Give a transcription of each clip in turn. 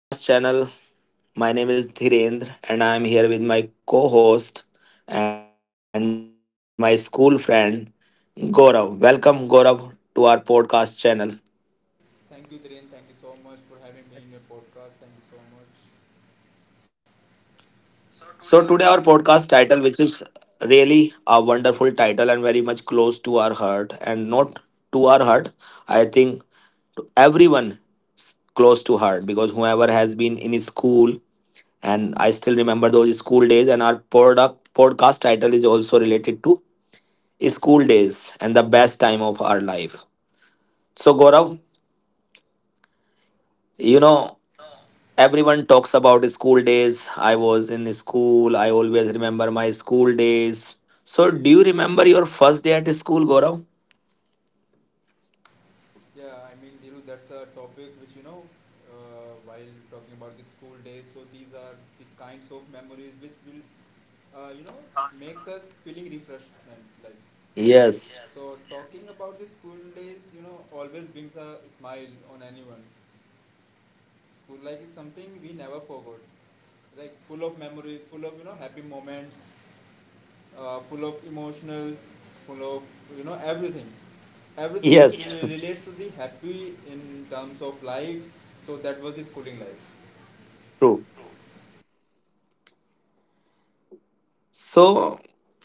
Hello, friends. Welcome to our podcast channel. My name is Dhirendra, and I am here with my co host and my school friend, Gaurav. Welcome, Gaurav, to our podcast channel. Thank you, Dhiren. Thank you so much for having me in your podcast. Thank you so much. So today, So, today, our podcast title, which is really a wonderful title and very much close to our heart, and not to our heart, I think everyone close to heart because whoever has been in his school. And I still remember those school days, and our product podcast title is also related to school days and the best time of our life. So, Gaurav, you know, yeah, everyone talks about school days. I was in school, I always remember my school days. So, do you remember your first day at school, Gaurav? Dhiru, that's a topic which while talking about the school days. So these are the kinds of memories which will, uh, you know, makes us feeling refreshment, like right. Yes, Yes, so talking about the school days, always brings a smile on anyone. School life is something we never forgot, like full of memories, full of happy moments, full of emotionals, full of everything, everything which Yes. yes, relates to the happy in terms of life. So that was the schooling life. true. So,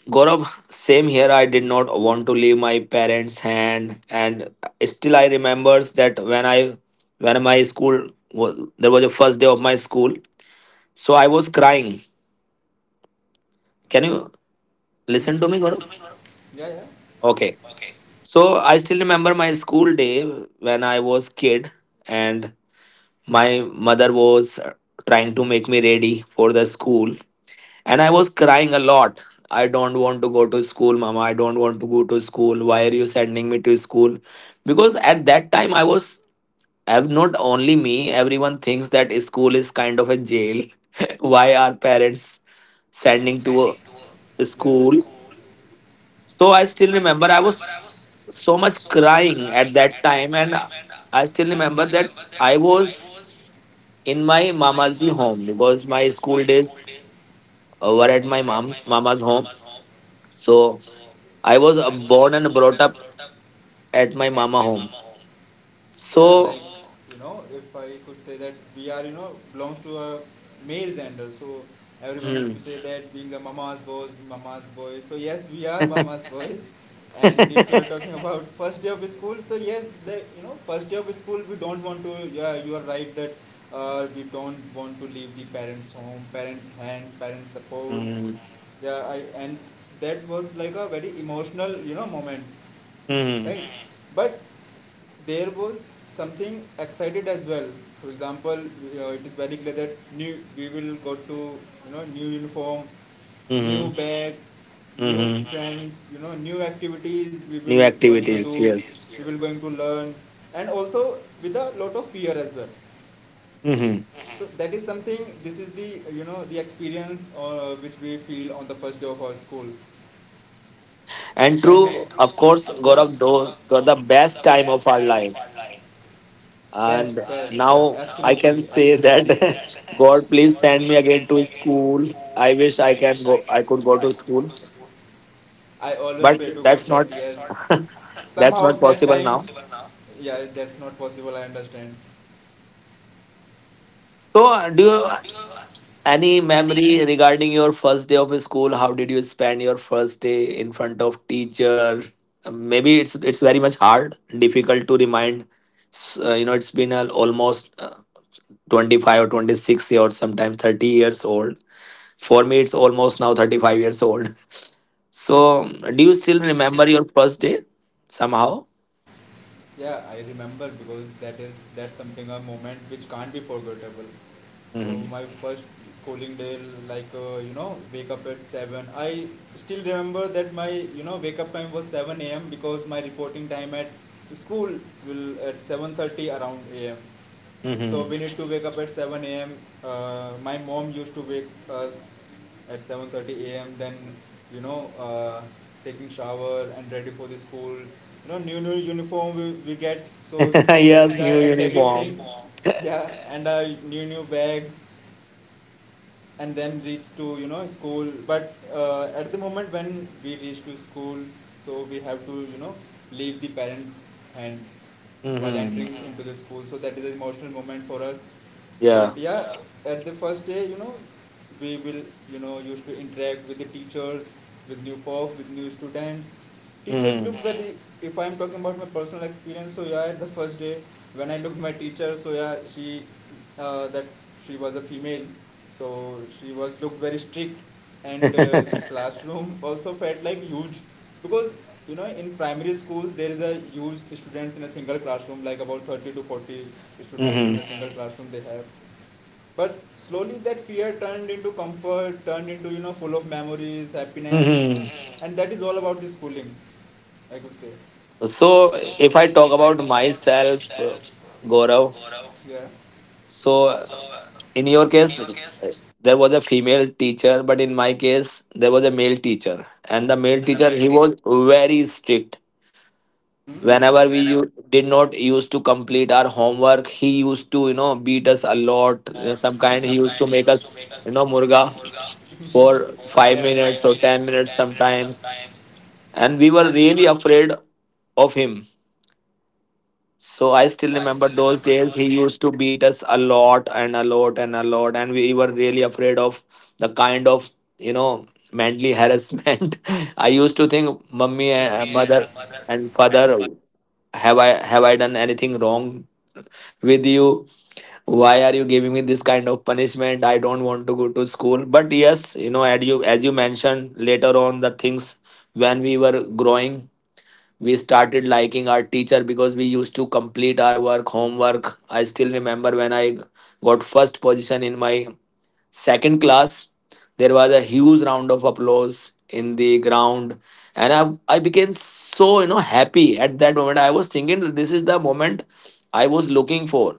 Gaurav, same here. I did not want to leave my parents' hand, and still I remembers that when my school was there was a first day of my school, so I was crying. Can you listen to Hmm. me, Listen to Gaurav? me, Gaurav. Yeah, Okay. yeah, okay. So I still remember my school day when I was kid, and my mother was trying to make me ready for the school. And I was crying a lot. I don't want to go to school, mama. I don't want to go to school. Why are you sending me to school? Because at that time, I've not only me, everyone thinks that school is kind of a jail. Why are parents sending to Standing towards a yeah. The school? school. So I So still remember I remember, I was was so much so much, crying at that time. And and I still I still remember that remember that I I was was in my in mama's home because my my school zone days were at of mama's home. my. So So I was I was born and brought up at my at mama home. yeah like So, you know, if I could say that we are, you know, belongs to a male gender, so everyone used to hmm. say that being a mama's boys, mama's boys, so yes, we are mama's boys. And if you are talking about first day of school, so yes, the, you know, first day of school, we don't want to, yeah, you are right that, we don't want to leave the parents home, parents hands, parents support, Mhm. yeah I and that was like a very emotional, you know, moment, Mhm. right? But there was something excited as well, for example, it is very clear that new we will go to, you know, new uniform, new Mhm. bag, new Mhm. friends, you know, new activities, we will New going New to do activities, yes. activities, we will yes. Going to learn and also with a lot of fear as well. Hmm. So Mhm. That is something, this is the, you know, the experience, which we feel on the first day of our school And when we true, And true, of course, of yeah Gaurav, course, those were the best time of our life. online. Best And best And yeah now now, I absolutely can say that God, please send me again to school. I wish I can go. I could go to school, I always but pray to God. But that's not that That's yes, that's somehow not that that's not possible time, now. possible now. Yeah, that's not possible. I understand. So, do So, you? Do you, Any any, memory regarding your first day of school? How did you spend your first day in front of teacher? Maybe it's very much hard, difficult to remind. You know, it's been al almost 25 or 26 or sometimes 30 years old. For me, it's almost now 35 years old. So, do um, you still do you still remember your first day somehow? somehow? Yeah, I remember because that is that's something a moment which can't be forgettable. So Hmm. my first schooling day, like, you know, wake up at 7. I still remember that my, you know, wake up time was 7 a.m because my reporting time at school will at 7:30 around am. So Hmm. we need to wake up at 7 a.m. My mom used to wake us at 7:30 a.m. Then, you know, uh, taking shower and ready for the school. You know, new uniform we get. So that is Yes, the new excited thing. uniform. Yeah, and a new bag, and then reach to, you know, school. But at the moment when we reach to school, so we have to, you know, leave the parents and while Hmm. entering into the school. So that is an emotional moment for us, but Yeah. yeah, at the first day, you know, we will, you know, used to interact with the teachers, with new folks, with new students. Teachers look Hmm. very if I'm talking about my personal experience, so yeah, at the first day when I looked my teacher, so yeah, she, that she was a female, so she was looked very strict, and the classroom also felt like huge because, you know, in primary schools there is a huge students in a single classroom, like about 30 to 40 students in a single classroom they have. But slowly that fear turned into comfort, turned into, you know, full of memories, happiness. Hmm. Mm-mm. And that is all about the schooling, I could say. So, So, if I talk in about your myself, Gaurav, Yeah. so so uh, in your in case, your case, there was a female teacher, but in my case, there was a male teacher. And the and the male male teacher, teacher, he was very strict. mm-hmm, Whenever whenever we did not used to complete our homework, he used to, you know, beat he us does a a lot, lot. You some some kind kind, of he used used, to make us, you you know, know, murga murga for for Yeah, yeah, five five yeah. Minutes minutes or or ten ten minutes minutes sometimes. sometimes. And And we we were, were really afraid of him. so So I I still still remember remember those those days days. He used to beat us a lot and a lot and a lot, and we were really afraid of the kind of, you know, mentally harassment. I used to to think of think, mommy mummy and and mother mother and and father, have I done anything wrong with you? Why are you giving me this kind of punishment? I don't want to go to school. But yes, you know, as you mentioned later on, the things when we were growing we started liking our teacher because we used to complete our work homework. I still remember when I got first position in my second class, there was a huge round of applause in the ground. And I became so, you know, happy at that moment. I was thinking that this is the moment I was looking for.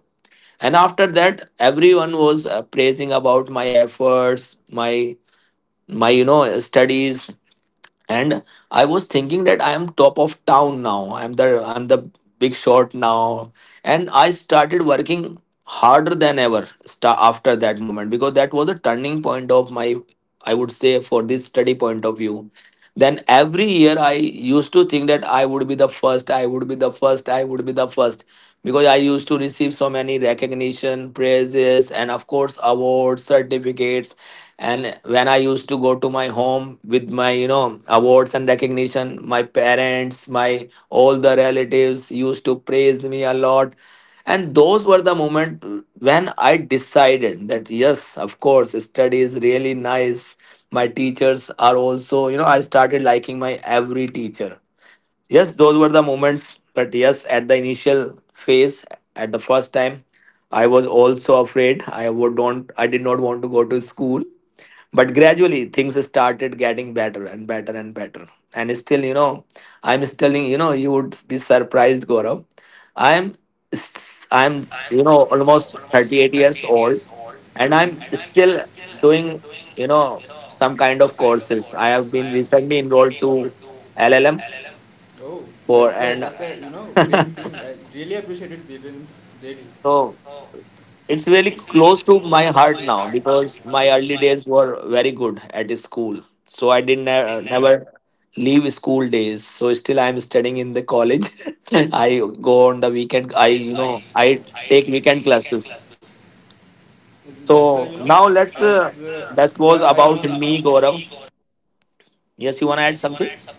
And after that everyone was praising about my efforts, my, you know, studies. And I was thinking that I am top of town now. I'm the big shot now. And I started working harder than ever after that moment because that was a turning point of my, I would say for this study point of view. Then every year I used to think that I would be the first, I would be the first, I would be the first, because I used to receive so many recognition praises and of course awards certificates. And when I used to go to my home with my, you know, awards and recognition, my parents, my all the relatives used to praise me a lot. And those were the moment when I decided that yes, of course, study is really nice. My teachers are also, you know, I started liking my every teacher. Yes, those were the moments, but yes, at the initial phase, at the first time, I was also afraid. I would don't I did not want to go to school, but gradually things started getting better and better and better. And still, you know, I'm still, you know, you would be surprised, Gaurav. i'm I'm, I'm, you you know, know, almost almost 38 38 years years old, old mm-hmm, and and I'm I'm still still doing, doing, you you know, know, some some kind kind of. of courses. I I have have been been recently enrolled to LLM. LLM Oh, that's a for and you know great thing. I really appreciate it, Devin. Really. Oh, so. It's it's really really close close to my heart now to because my my eyes, early days were very good at the school. so So I I didn't didn't have, never leave school days. So still I'm studying in the college. I go on the weekend. I I you know I I think take he can. weekend classes. That's a, you know, So now now let's. as let yeah That I was know. about About the me, week. Gaurav. Hmm. Yes, you wanna Yes, you add wanna add something? something?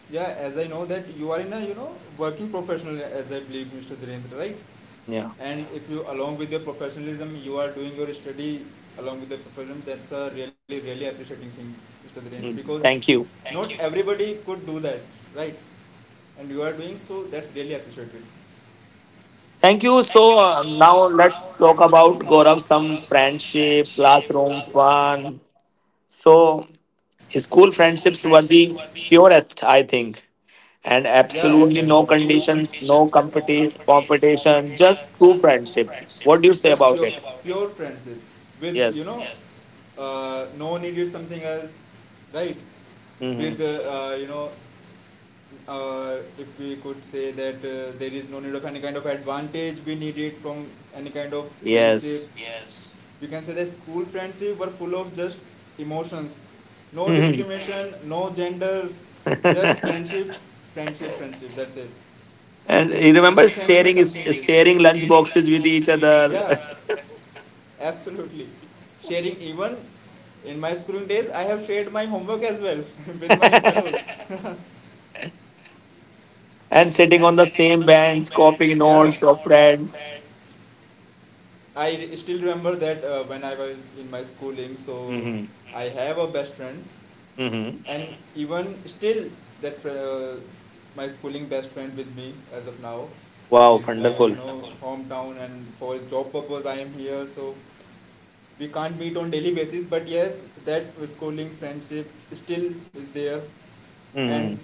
Yeah, as I know that you are in a, you know, working professional, as I believe, Mr. Dhirendra, right? Yeah. And if you along with your professionalism, you are doing your study along with the professionalism. That's a really really appreciating thing, Mr. Dhirendra, because Mm, thank Thank you. not you. Everybody could do that, right? And you are doing so. That's really appreciated. Thank Thank you. you. So, So now now let's let's talk talk about about, Gaurav, Gaurav, some some friendship, friendship, classroom. classroom fun. So So school school friendship friendships were have been the purest, I think, an. Yeah, and that's absolutely absolutely the no no conditions, no no competition, competition, just just true true friendship. friendship. What do you Just say pure, about it? pure friendship with, you know, Yes. Yes. Uh, no one needed something else, right? With Hmm. You know, if we could say that there is no need of any kind of advantage we needed from any kind of friendship. Yes. Yes. You can say that school friendship were full of just emotions, no Hmm. discrimination, no gender, just friendship, friendship, friendship. That's it. And So you schooling remember and friends is sharing is something sharing. sharing lunch boxes with each other, Yeah. Absolutely. Sharing even in my schooling days, I have shared my homework as well with my fellows. and sitting on the same bench, copying Yeah. notes of friends. I still remember that when I was in my schooling, so Hmm. I have a best friend, Hmm. and even still that my schooling best friend with me as of now. Wow, He's Wow, you wonderful. know hometown and for his job purpose I am here, so we can't meet on daily basis, but yes, that schooling friendship still is there, and Hmm.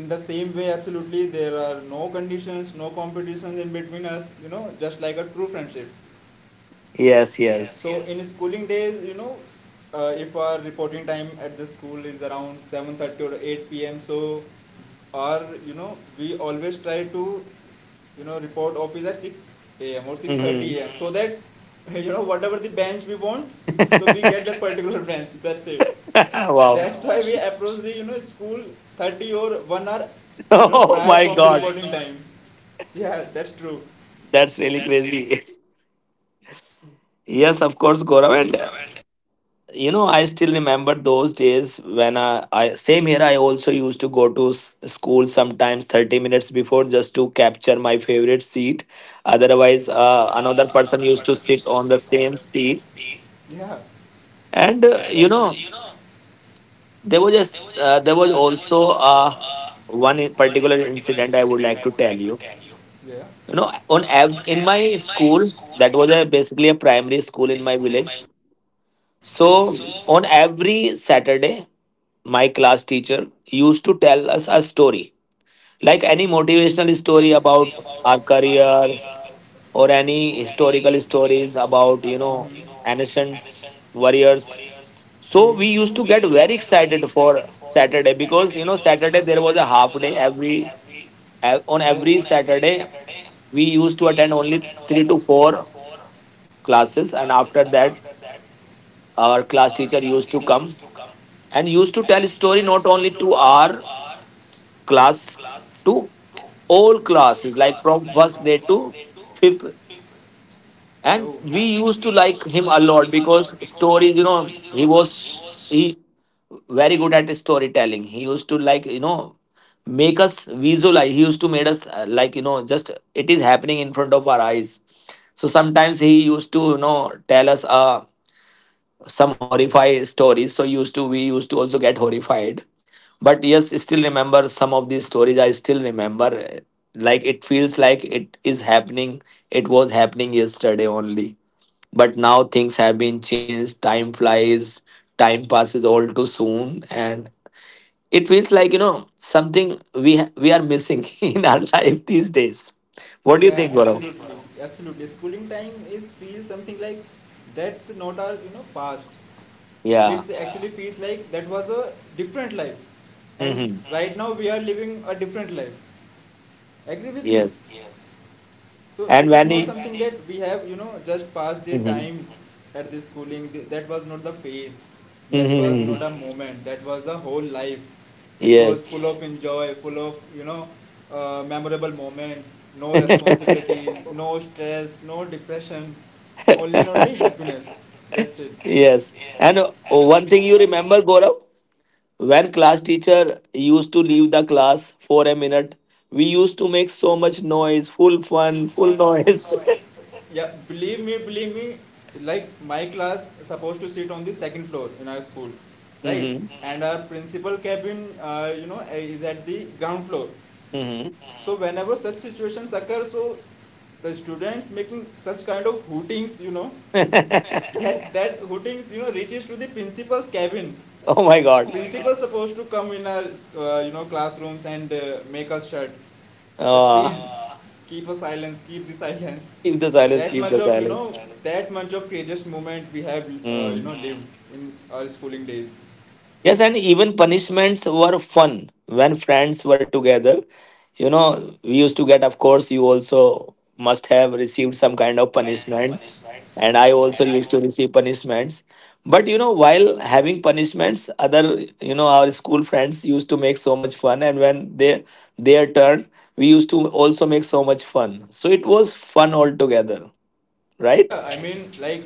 in the same way absolutely there are no conditions, no competitions in between us, you know, just like a true friendship. Yes, Yes. So yes. yes, in schooling days, you know, if our reporting time at the school is around 7:30 or 8 p.m., so our, you know, we always try to, you know, report office at 6 a.m. or Hmm. 6:30 a.m. so that you know whatever the bench we want, so we get that particular bench. That's it. Wow. That's why we approach the, you know, school 30 or 1 hour, you know, Oh prior Oh my from the God, reporting God. Time. Yeah, that's true. that's really That's really good. crazy. Yes, of Yes, course, of course, Gaurav. And, Gaurav, and you know, I still remember those days when I same here. I also used to go to school sometimes 30 minutes before just to capture my favorite seat. otherwise Otherwise, another another person used to sit on the same CNC. seat. Yeah, and And, exactly. You know, There was just there there was was also, also, one one in particular particular incident incident I I would would like like to to tell you. Yeah. You You know know, on in in my my school school, that was a, basically a a primary primary school school in in my my village. Okay. So So on every Saturday, my class teacher used to tell us a story, like any any motivational motivational story story about about our our career career or or any any historical historical stories stories about about, you Mhm. You know, know ancient ancient warriors. warriors. Hmm. So So we we used to used to get get very very excited excited for for Saturday Saturday because, you because, know, you know, Saturday Saturday there there was a was a half half day day every Oh. on On every every Saturday, Saturday we we used to used to attend attend only only three to three to four four classes, and classes, and after after that, that our our class class teacher teacher used to used to come come and and used to used to tell tell a story story not not only only to to our our class, class to two. all All classes, classes, like like from from first first grade grade to to fifth. fifth. Oh, And and we we used to used to like like him a him a lot lot because because stories, you story, you know, know, he he was was he very good at storytelling. He used to like, you know, make us visualize. He used to made us, like, you know, just it is happening in front of our eyes. So sometimes he used to, you know, tell us some horrifying stories, so used to we used to also get horrified. But yes, still remember some of these stories I still remember, like it feels like it is happening, it was happening yesterday only. But now things have been changed. Time flies, time passes all too soon, and it feels like, you know, something we are missing in our life these his days. days. What do you Yeah, think, what Gaurav? absolutely, absolutely. Schooling time is feels something like that's not our, you know, past. Yeah. It's Yeah. Actually feels like that was a different life, and Hmm. hmm. right now we are living a different life. Agree with me? Yes. Yes. So And this is when not And- I he. something that we have, you know, just passed the Hmm. time at the schooling. That was not the phase. That was not Hmm. a mm, moment. That was a whole life, which was full Yes. of Yes. Enjoy, full of, you know, memorable moments. No responsibilities, no stress, no depression, only and only happiness. That's it. Yes. Yes. And, And one thing you one thing remember, you Gaurav, when class teacher used to leave the class for a minute, we used to make so much noise, full is full fun, full fun, full noise. So, yeah, believe me, believe me. Like my class supposed to sit on the second floor in our school, right? Mm-hmm. And our principal cabin, is at the ground floor. Mm-hmm. So whenever such situations occur, so the students making such kind of hootings, you know, that hootings, you know, reaches to the principal's cabin. Oh my Oh my God. Principal God. Supposed to come in our, you know, classrooms and make us shut that please Ah, Ah. Keep a silence, keep the silence. keep the So keep silence, that keep much the silence, of, you know, silence. that much of courageous moment we have, you Mm. know, Mm. Lived in our schooling days. Yes, and even punishments were fun when friends were together. You know, we used to get, of course, you also must have received some kind of Some kind of punishments. punishments. And I also used to receive punishments. But, you know, while having punishments, other, you know, our school friends used to make so much fun. And when they, their turn, we used to also make so much fun. So it was fun altogether, right? Yeah I right? Mean like,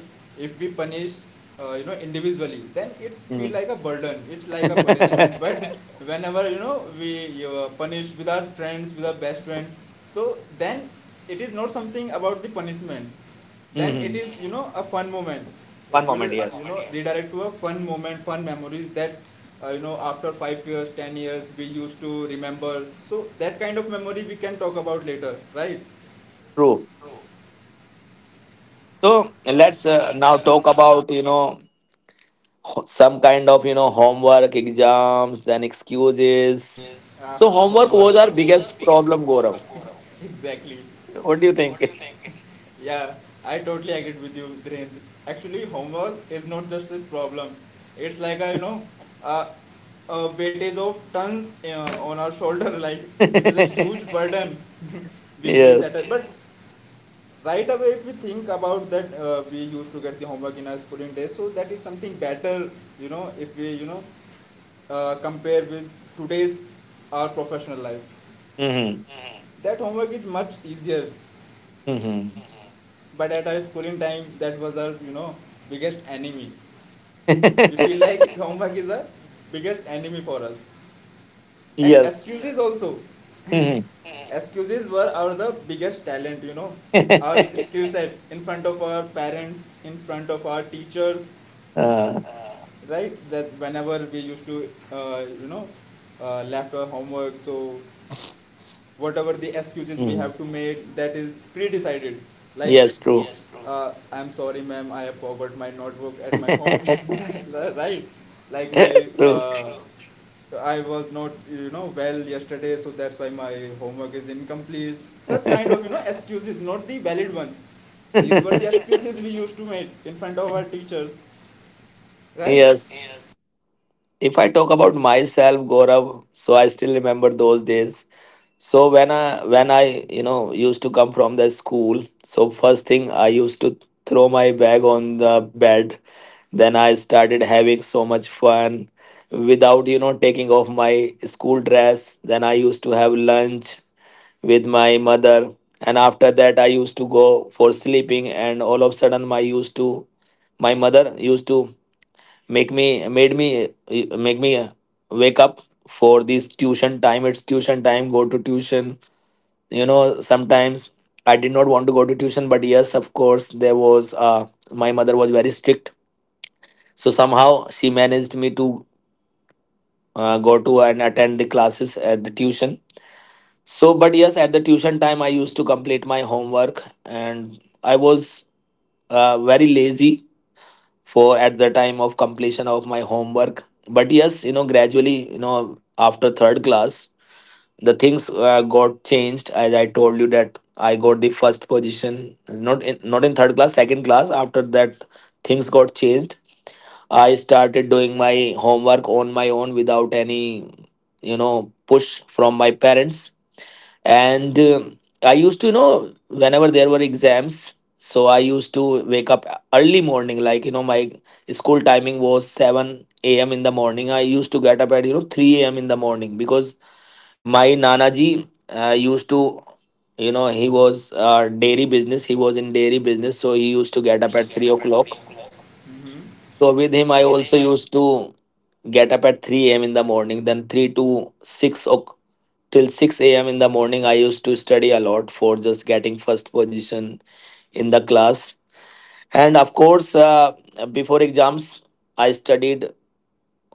if we punish you know individually, then it's feel Hmm. like a burden, it's like a punishment. But whenever you know we you punish with our friends, with our best friends, so then it is not something about the punishment, then it Hmm. is you know a fun moment. It Fun will moment, Fun you yes. moment, know yes. redirect to a fun moment, fun memories that you know after 5 years, 10 years we used to remember. So that kind of memory we can talk about later, right? True. So let's, now talk uh, about, you know, some kind of, you know, homework, exams, then now excuses. Ah, So homework Homework. was our biggest problem, Gaurav. Exactly. What do you think? Yeah, I totally agreed with you, Dhirendra. Actually, homework is not just a problem. It's like a, you know, a, a weightage of tons on our shoulder. Like it is a huge burden we feel at Yes. it. But Yes. Right away, if we think about that, we used to get the homework in our schooling days. So that is something better, you know, if we, compare with today's our professional life. Hmm. Mm-hmm. That homework is much easier. Hmm. But at our schooling time, that was our you know biggest enemy. We feel like homework is our biggest enemy for us, and Yes. excuses also. Hmm. Excuses were our the biggest talent. You know, our skill set in front of our parents, in front of our teachers. uh, Uh, right, that whenever we used to uh, you know left our homework, so whatever the excuses we mhm. have to make, that is pre-decided. Like, Yes. True. I'm sorry ma'am, I have forgot my notebook at my home. Right, like my True. uh, I was not you know well yesterday, so that's why my homework is incomplete. Such kind of you know excuses, not the valid one, these were the excuses we used to make in front of our teachers, right? Yes. Yes. If I talk about myself, Gaurav, so I still remember those days. So when I used to come from the school, so first thing I used to throw my bag on the bed. Then I started having so much fun without taking off my school dress. Then I used to have lunch with my mother, and after that I used to go for sleeping. And all of a sudden, my mother used to make me made me make me wake up for this tuition time. It's tuition time. Go to tuition. You know sometimes I did not want to go to tuition, but yes, of course there was, my mother was very strict, so somehow she managed me to go to and attend the classes at the tuition. So but yes, at the tuition time I used to complete my homework, and I was very lazy for at the time of completion of my homework. But yes, gradually, after third class the things got changed, as I told you that I got the first position, not in third class, second class. After that things got changed. I started doing my homework on my own without any push from my parents. And I used to whenever there were exams, so I used to wake up early morning, like my school timing was 7 a.m. in the morning. I used to get up at 3 a.m. in the morning because my nanaji used to he was, dairy business, he was in dairy business, so he So used to he get up used to at get 3 up at three o'clock. o'clock. Hmm. So with So him I with him, also I used to get up at 3 a.m. in the morning. Then 3 to 6 o'clock, till 6 a.m. in the morning, I used to study a lot for just getting first position in the class. And of course, before exams I studied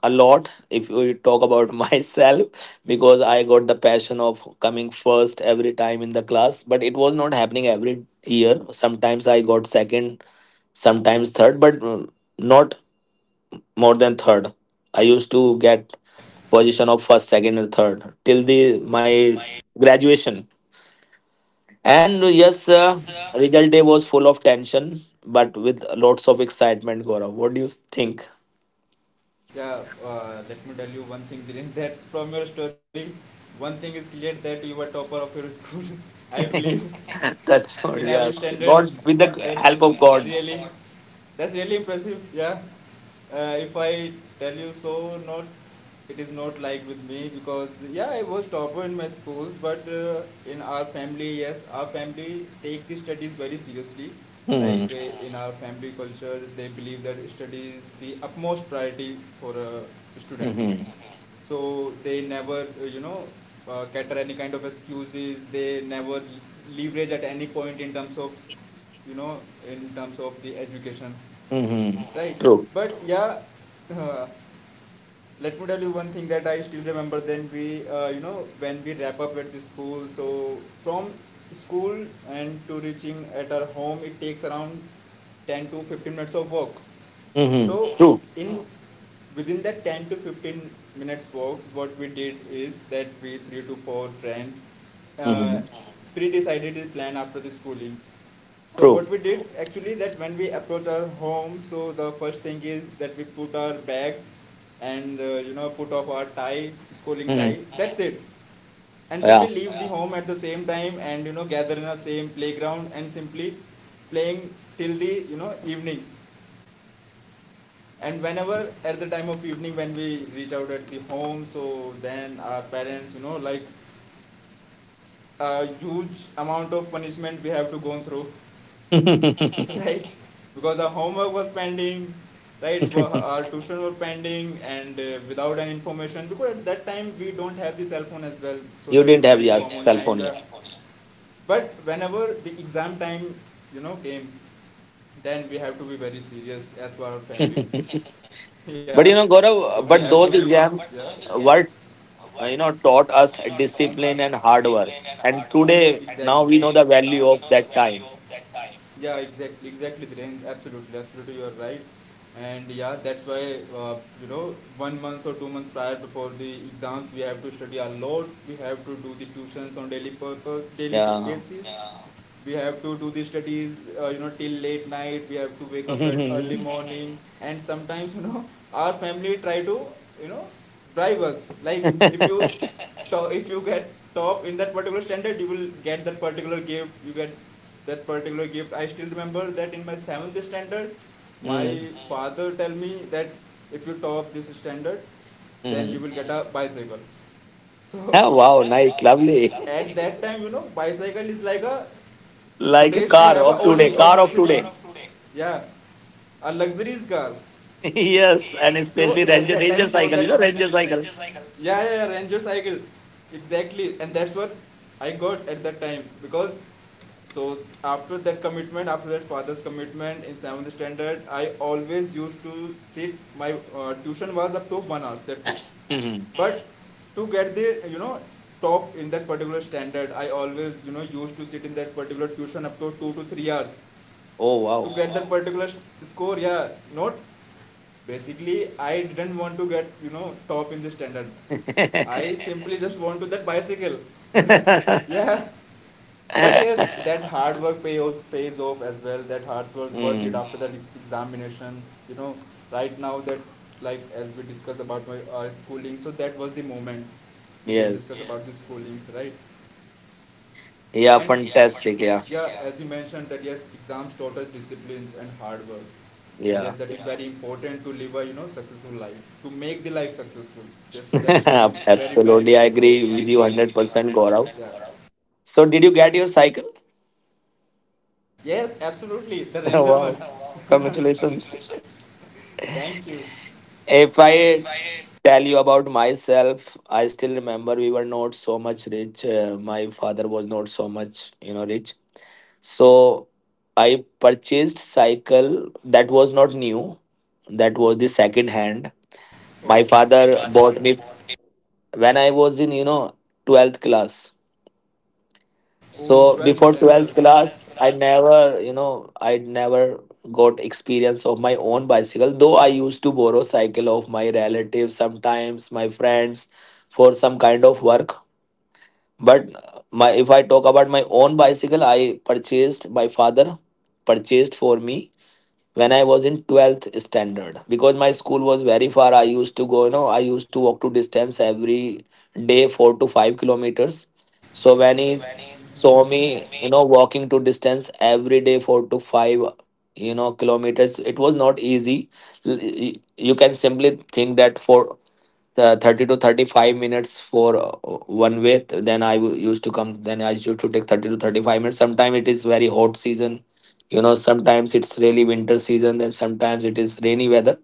a lot. If we talk about myself, because I got the passion of coming first every time in the class, but it was not happening every year. Sometimes I got second, sometimes third, but not more than third. I used to used to get get position of first, second or third till the the my my graduation. and uh, and yes uh, yes, Result day was full of tension, but with lots of excitement. Gaurav, what do you think? yeah, let me tell you one thing, Dhiren, that from your story, one thing is clear that you were topper of your school, I believe, That's in what. every Yes. standards. God, with the That's help of God. really, that's really impressive, yeah. If I tell you, so, not it is not like with me, because yeah I was topper in my schools, but in our family, yes, our family take the studies very seriously. Like Hmm. In our family culture they believe that study is the utmost priority for a student. Hmm. So they never cater any kind of excuses, they never leverage at any point in terms of you know in terms of the education, Hmm. right? True. But yeah, let me tell you one thing that I still remember. Then we, you know, when we wrap up at the school. So from school and to reaching at our home, it takes around 10 to 15 minutes of walk. So Hmm. True. in within that 10 to 15 minutes walks, what we did is that we 3 to 4 friends uh, Hmm. pre-decided the plan after the schooling. So True. what we did actually, that when we approach our home, so the first thing is that we put our bags and you know put off our tie, schooling tie. Hmm. That's it, and Yeah. simply leave the home at the same time and you know gather in the same playground and simply playing till the you know evening. And Mhm. whenever at the time of evening when we reach out at the home, so then our parents you know like a huge amount of punishment we have to go through. Right? Because our homework was pending, right? Our tuition were pending, and without any information. Because at that time we don't have the cell phone as well, so You that didn't we can have your inform on cell time. Yes, phone Yeah. here. Yeah. But whenever the exam time, you know, came, then we have to be very serious as for our family. Yeah. But you know, So But we have Gaurav, to gonna- but be. those But yeah, those exams exams were, were you know, taught you know, us taught us discipline and hard discipline work. and hard And work. And today, Exactly. And now today, we know the now we value know of the that value time. of that time. Yeah, exactly, exactly, Dhiren. Absolutely, absolutely, you are right. And yeah, that's why, uh, you know, 1 month or 2 months prior before the exams, we have to study a lot. We have to do the tuitions on daily purpose, daily Yeah. basis. Yeah. We have to do the studies, you know, till late night. We have to wake up at early morning, and sometimes you know, our family try to, you know, bribe us. Like if you if you get top in that particular standard, you will get that particular gift. I still remember that in my seventh standard, my Mm-hmm. father tell me that if you top this standard, then you Mm-hmm. will get a bicycle. So Wow, nice, lovely. at that time you know bicycle is like a, Like a today's we car have a of today, Audi or car of Mercedes, today. yeah, a luxurious car. Yes, and Yes. So especially and at it's Ranger that time Ranger the for cycle, Ranger that you Ranger know, cycle, Ranger you know, cycle. Ranger cycle. Yeah, yeah, yeah, Ranger cycle. Exactly. And that's what I got at that time. Because, so after that commitment, after that father's commitment in seventh standard, I always used to sit. My tuition was up to 1 hour, that's it. Mhm. But to get the you know top in that particular standard, I always you know used to sit in that particular tuition up to 2 to 3 hours Oh to wow. get that particular score. Yeah, not basically, I didn't want to get you know top in the standard. I simply just want to that bicycle. Yeah, but yes, that hard work pays off as well. That hard work worth it Mm, after that examination. You know, right now that, like as we discuss about my schooling, so that was the moments we can discuss yes. about the schoolings, right? Yeah, And yeah, fantastic. Yeah. As you mentioned that yes, exams taught us disciplines and hard work, and yes, Yeah. that is very important to live a you know successful life, to make the life successful. Yes, that is more very very. Absolutely. I agree with you 100%, Gaurav. So, did you get your cycle? Yes, absolutely, the ranger one. Wow. Oh, wow. Congratulations. Congratulations. Thank you. If If I I tell you about myself, I still remember we were not so much rich. My father was not so much, you know, rich. So I purchased cycle that was not new. That was the second in hand. hand, Oh, My father bought me when I was in, you know, 12th class. oh, So well, before this- 12th class, I Raj, never, you know, I never got experience of my own bicycle, though I used to borrow cycle of my relatives sometimes, my friends, for some kind of work. But my if I talk about my own bicycle, I purchased my father purchased for me when I was in 12th standard because my school was very far. I used to go, you know, I used to walk to distance every day, 4 to 5 kilometers. So when he Sohim, saw me, Somi, you know, walking to distance every day, four to five, you know, kilometers, it was not easy. You can simply think that for the 30 to 35 minutes for, one way, used to come, then I used to take 30 to 35 minutes. Sometimes it is very hot season, you know, sometimes it's really winter season, then sometimes it is rainy weather.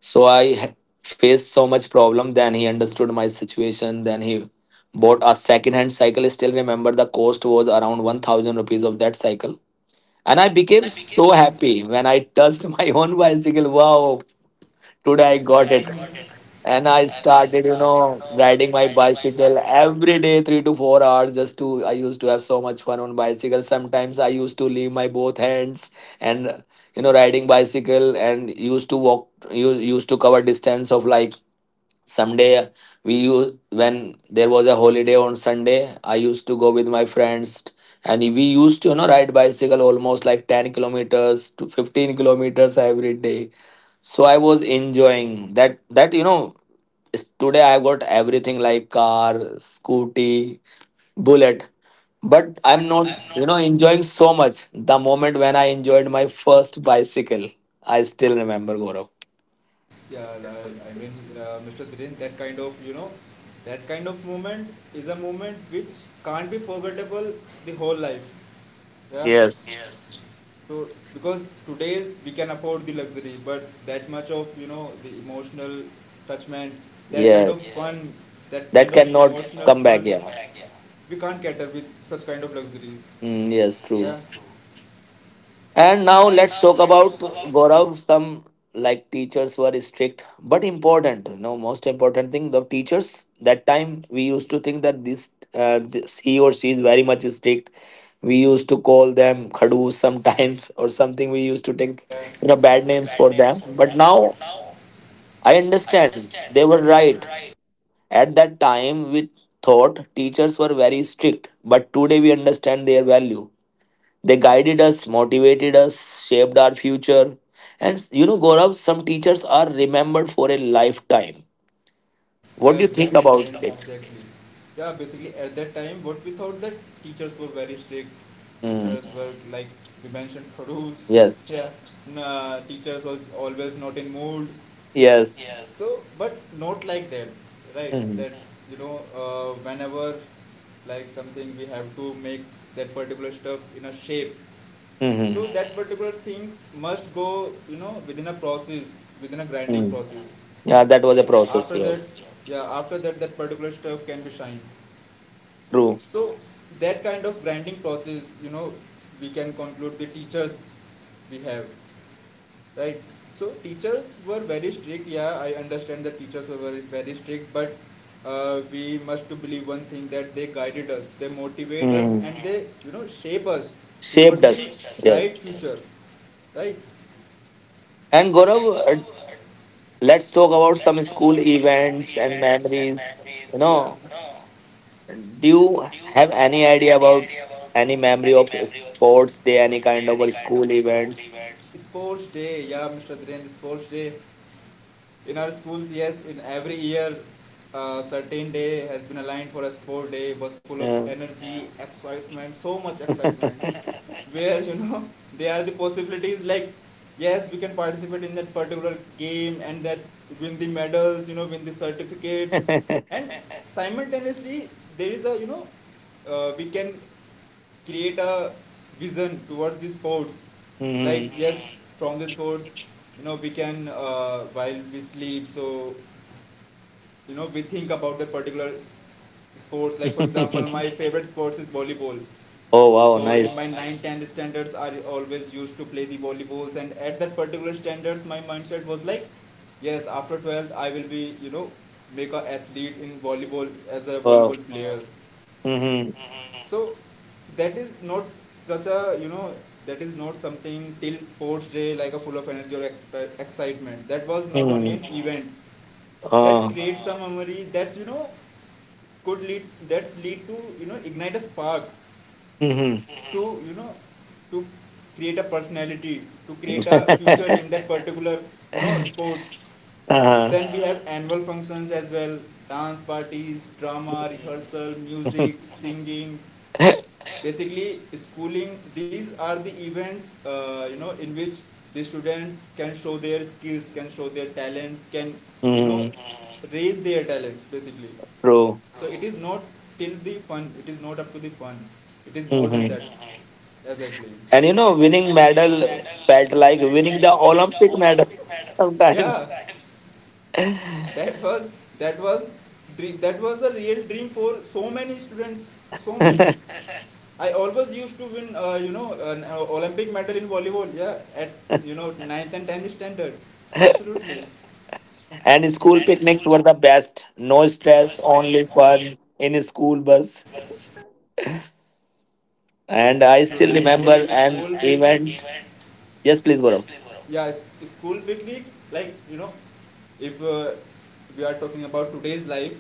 So i faced so much problem. Then he understood my situation, then he bought a second hand cycle. I still remember the cost was around 1000 rupees of that cycle, and I and became I, so so, happy when I touched my own bicycle. Wow, today I got it. And I and started, you know, riding my I bicycle every day, 3 to 4 hours. I used to have so much fun on bicycle. Sometimes I used to leave my both hands and, you know, riding bicycle and used to walk, you used to cover distance of like, someday we used, when there was a holiday on Sunday, I used to go with my friends, and we used to, you know, ride bicycle almost like 10 kilometers to 15 kilometers every day. So I was enjoying that, you know. Today I've got everything like car, scooty, bullet, but I'm not, you know, enjoying so much. The moment when I enjoyed my first bicycle, I still remember, Gaurav. Yeah, like, I mean, Mr. Dhiren, that kind of, you know, that kind of moment is a moment which can't be forgettable the whole life. Yeah. Yes, Yes. So because today's we can afford the luxury, but that much of you know the emotional touchment, that kind of yes, fun, that that kind of That cannot emotional come cannot fun, back. Yeah, yeah, we can't cater with such kind of luxuries. mm, yes, Yeah. true. Yes, true. And now And let's now talk let's talk about, about Gaurav, some like teachers were strict but important. No, most important thing, the teachers that time we used to think that he or she is very much strict. We used to call them khadus sometimes or something. We used something to we used take, to pick you know, bad you know names bad for names them. for But them. now But now I I understand understand they were they were right. right. At that time we thought teachers were very strict, but today we understand their value. They guided us, motivated us, shaped our future. And you know, Gaurav, some teachers are remembered for a lifetime. Yeah, What do you think exactly, What about do it? it? Exactly. Yeah, basically at that time, what we thought that teachers were very strict. Mm, Teachers were like you mentioned rules. yes. Yes. Nah, teachers was always not in mood. Yes. So, but not like that, right? Hmm. That you know, whenever like something we have to make that particular stuff in a shape. So Hmm. that particular things must go, you know, within a process, within a grinding Mm. process. Yeah, that Yeah, was a that was process. After a that, Yes. process, yes. yeah, after that, that particular stuff can be shined. True. So that kind of grinding process, you know, we can conclude the teachers we have, right? So teachers were very strict. Yeah, I understand that teachers were very, very strict, but we must to believe one thing that they guided us, they motivate us, Hmm. and they, you know, shape us Shaped towards the us. Bright Yes. Future, right? And Gaurav, uh, let's talk about Let's some talk about school some school events and events and memories. You memories. Yeah. know, No, do you do you have any have idea any about idea about any memory any of memory of sports day, any sports day, kind of, any kind of school school events? events? Sports day, yeah, Mr. Dhirendra, sports day. In our schools, yes, in every year, certain day has been aligned for a sport day. It was full of Yeah. energy, yeah, excitement, so much excitement, where you know there are the possibilities, like yes we can participate in that particular game and that win the medals, you know, win the certificates, and simultaneously there is a you know, we can create a vision towards the sports. Like Mhm. yes, from the sports, you know, we can while we sleep, so you know we think about that particular sports. Like for example, my favorite sports is volleyball. Oh wow, So in my nice. 9 10 standards, I always used to play the volleyballs, and at that particular standards, my mindset was like, yes, after 12th, I will be, you know, make a athlete in volleyball as a Wow. volleyball player. Hmm. So that is not such a, you know, that is not something till sports day like a full of energy or excitement. That was not only Hmm. an event that Oh. creates a memory could lead that's lead to ignite a spark, Hmm. mm-hmm, to you know to create a personality, to create a future in that particular sports. Uh-huh. Then we have annual functions as well: dance parties, drama Hmm. rehearsal, music, singing. Basically schooling, these are the events in which the students can show their skills, can show their talents, can you know raise their talents basically. True. So it is not till the fun. It is not up to the fun. It is more than that. Hmm. Mhm. As I played. And you And know, winning winning battle, medal felt battle like like winning the the Olympic Olympic medal medal. Yeah, sometimes. that was that was that was a real dream for so many students. For so many. I always used to win an Olympic medal in volleyball. Yeah, at ninth and tenth standard. Absolutely. And school And school picnics were the best. No best, no stress, stress, only only fun in a school school bus. bus. Yeah, And and I absolutely. still I still school, remember remember an school that picnics event. event. Yes, please, Gaurav. Yeah, school picnics, like if we are talking about today's life,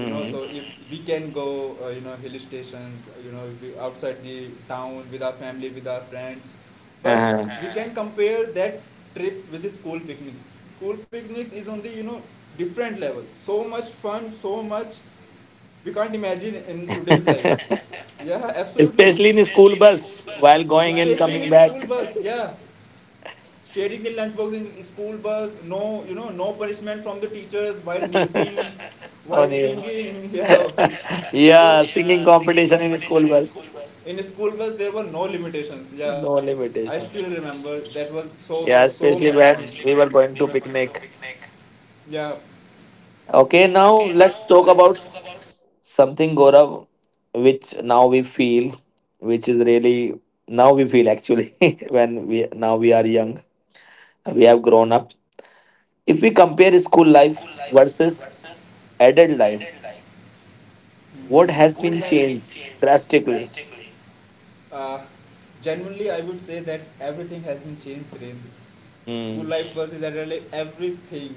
so if we can go, hill stations, we outside the town with our family, with our friends. But Uh-huh. we can compare that trip with the school picnics. School picnics is on the different level, so much fun, so much we can't imagine in today's life. Yeah, absolutely. Especially in Especially school in a school bus bus while while going and especially going in coming and school coming back. bus back. Yeah. Sharing the lunchbox in school bus, no, no punishment from the teachers while hooting, while On event. singing, yeah. So Yeah, singing yeah, competition singing in school bus. in a school bus there were no limitations, yeah. No I still limitations. remember that was so so Yeah, so yeah, much especially fun, when especially we when were we going to were going to picnic. picnic. Yeah. Okay, now let's talk about something, Gaurav, which now we feel, which is really now we feel actually when we now we are young, we have grown up. If we We compare school compare life school. versus adult life, what Hmm, has school, what been has life changed been. drastically. Uh, Genuinely, I would say that everything has been changed, Viren. School Mm, life versus adult life, everything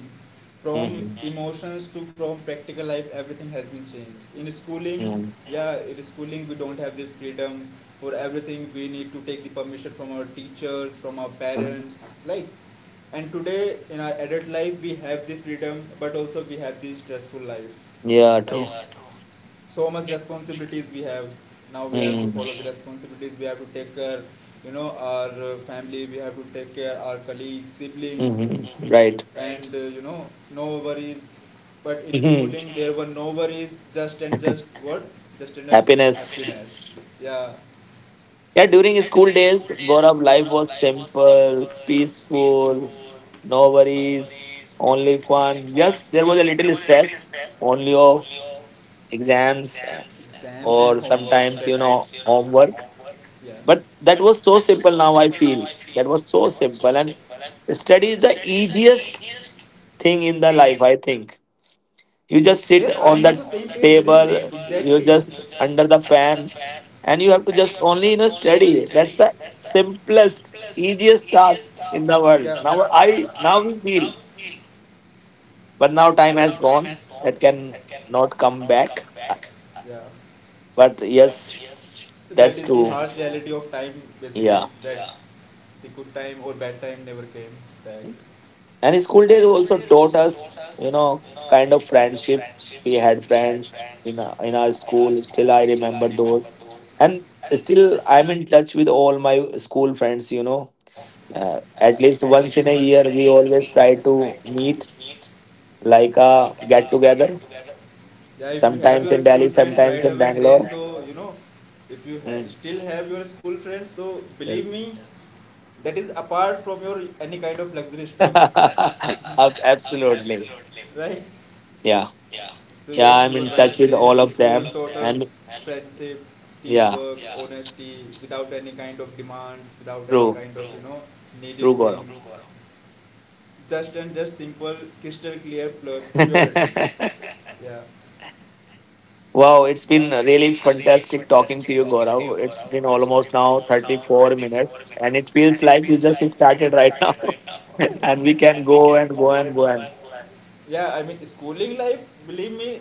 from mhm, emotions to from practical life, everything has been changed. In schooling, mm, yeah, in schooling, we don't have the freedom for everything. We need to take the permission from our teachers, from our mhm. parents, like. And today, in our adult life, we have the freedom, but also we have the stressful life, Yeah, right? true. Yeah, true. So much responsibilities we have. Now we have to Mm, follow the responsibilities, we have to take care our family, we have to take care our colleagues, siblings, mhm, right. and no worries. But in Mhm. schooling there were no worries, just and just what just and just Happiness. happiness, yeah. Yeah, Yeah, during during school school days, days, Gaurav, Gaurav, life life was was simple, simple, peaceful, peaceful, no no worries, worries, only only fun. fun. Yes, Yes, there there was was a a little little stress, stress, only only of of exams, exams, exams and or homework sometimes sometimes, you know, homework. homework. Yeah. But But that that was was so so simple. simple now, Now I I feel feel. That that was was so so simple, simple. and And the study study is is the the easiest easiest thing thing in. in the life, I think. You Yes, just I am sit on the on same the page, Dhirendra. table, Exactly. you You just just under under the the fan, fan, and and you you have have to to just just only, you only know, study. study. That's That's the the simplest, simplest, easiest easiest task task in in, the yeah, the world. world. Now i, Now I now we now feel, feel, but but, now time now time has has gone. gone. That That can can not not come come back. back. Yeah. But But yes, yes, that is the that's that's harsh true true. reality of time, basically. Yeah. That, yeah, the good time or bad time never came back. And And school school days days also also taught taught us, us, you you know, know, kind of kind of friendship. friendship. We We had had friends friends in in in our, our in our school. school. Still, I Still, I remember remember those, those, and and still still I'm in touch with all my school friends. You friends. Know, at At, least yeah, least once in a once in year a we year, we always try always try to to meet, meet like like a a get get together. together. Yeah, if you have your Sometimes in school sometimes Delhi, it friends right sometimes in away, sometimes it, Dhiren, can Bangalore. so go, if you Mm, still have your school friends, so believe me, yes. yes, that is apart from your any kind of luxury stuff, uh, Ab- Absolutely. absolutely, right? Yeah, Yeah, so yeah. yes, you I'm were, yeah, in right, touch I'm in with Dhiren touch all with of school all of them, taught them us and and friendship, yeah, teamwork, yeah, honesty, without any kind of demands, without any true, kind of you true know needed true, true Gaurav. things. Just and just simple, crystal clear purity. Yeah. Wow, it's Wow, been it's really really fantastic funny, talking to you, Gaurav. It's Gaurav. been It's almost now 34 minutes, and it it's- feels and it. like we just started right now. And we I can mean, go and go and go and. yeah, I mean, schooling life, believe me,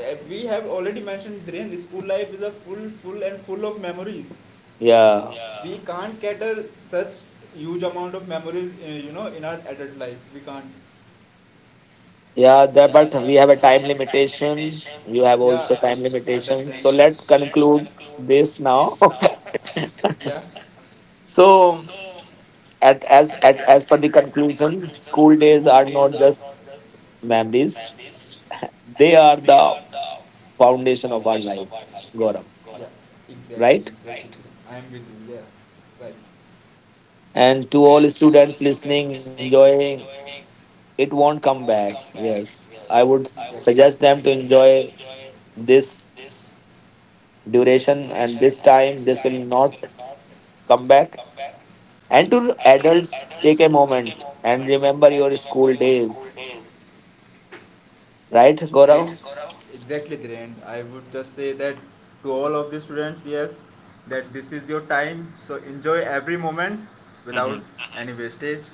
we have already mentioned, Dhiren, school life is a full, full and full of memories. Yeah, Yeah. We can't cater such huge amount of memories, in our adult life. We can't. yeah, there, but we have a time limitation. Patient, You have yeah, also I time limitation. understand. So let's conclude this now. Yeah. So, So, as as as per the as per the conclusion, conclusion, school days school are days not are just not just memories, memories, they are they the are the foundation of our foundation life, of our life. Gaurav. God. Yeah, it? Exactly, Right? exactly. Right? I am with you, yeah. Right. And to And all to all students students listening, listening, enjoying, enjoying, it won't it come won't back. come back. Yes. I Yes, would exactly. I would, exactly, suggest them to suggest them to enjoy enjoy it this duration and and this and- time. This will not come back. And to adults, take a moment and remember your and school your school days. days. Right, Right, yeah, Gaurav? Gaurav? Exactly, Dhiren. I would just say that to all of the students, yes, that this is your time. So enjoy every moment without Hmm. uh-huh any wastage.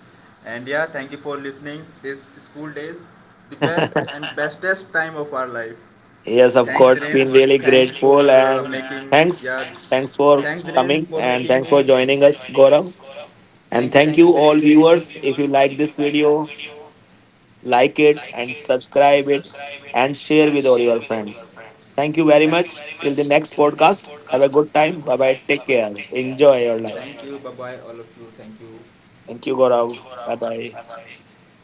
And yeah, thank you for listening. This school days, the best and bestest time of our life. Yes, of Thanks, yes, of course. Dhiren Been course, really we thanks really for grateful grateful and making and yeah. thanks. Thanks, Thanks thanks, for thanks, for Dhiren, coming for coming and making thanks for and me, joining and us, joining us. Gaurav. And thank Thank you, you and thank all Dhiren you viewers. If you like for this this video, video like it and and subscribe it subscribe it, and share and with all share your with all your friends. friends. Thank you very Thank yeah you much. very Till the much. next Till the next podcast. Have a podcast, good time. Bye bye. Take care. take care. Enjoy your life. Thank you. Bye bye, all of you. Thank you. Thank you, Thank you Gaurav. for our. Bye bye. Bye bye.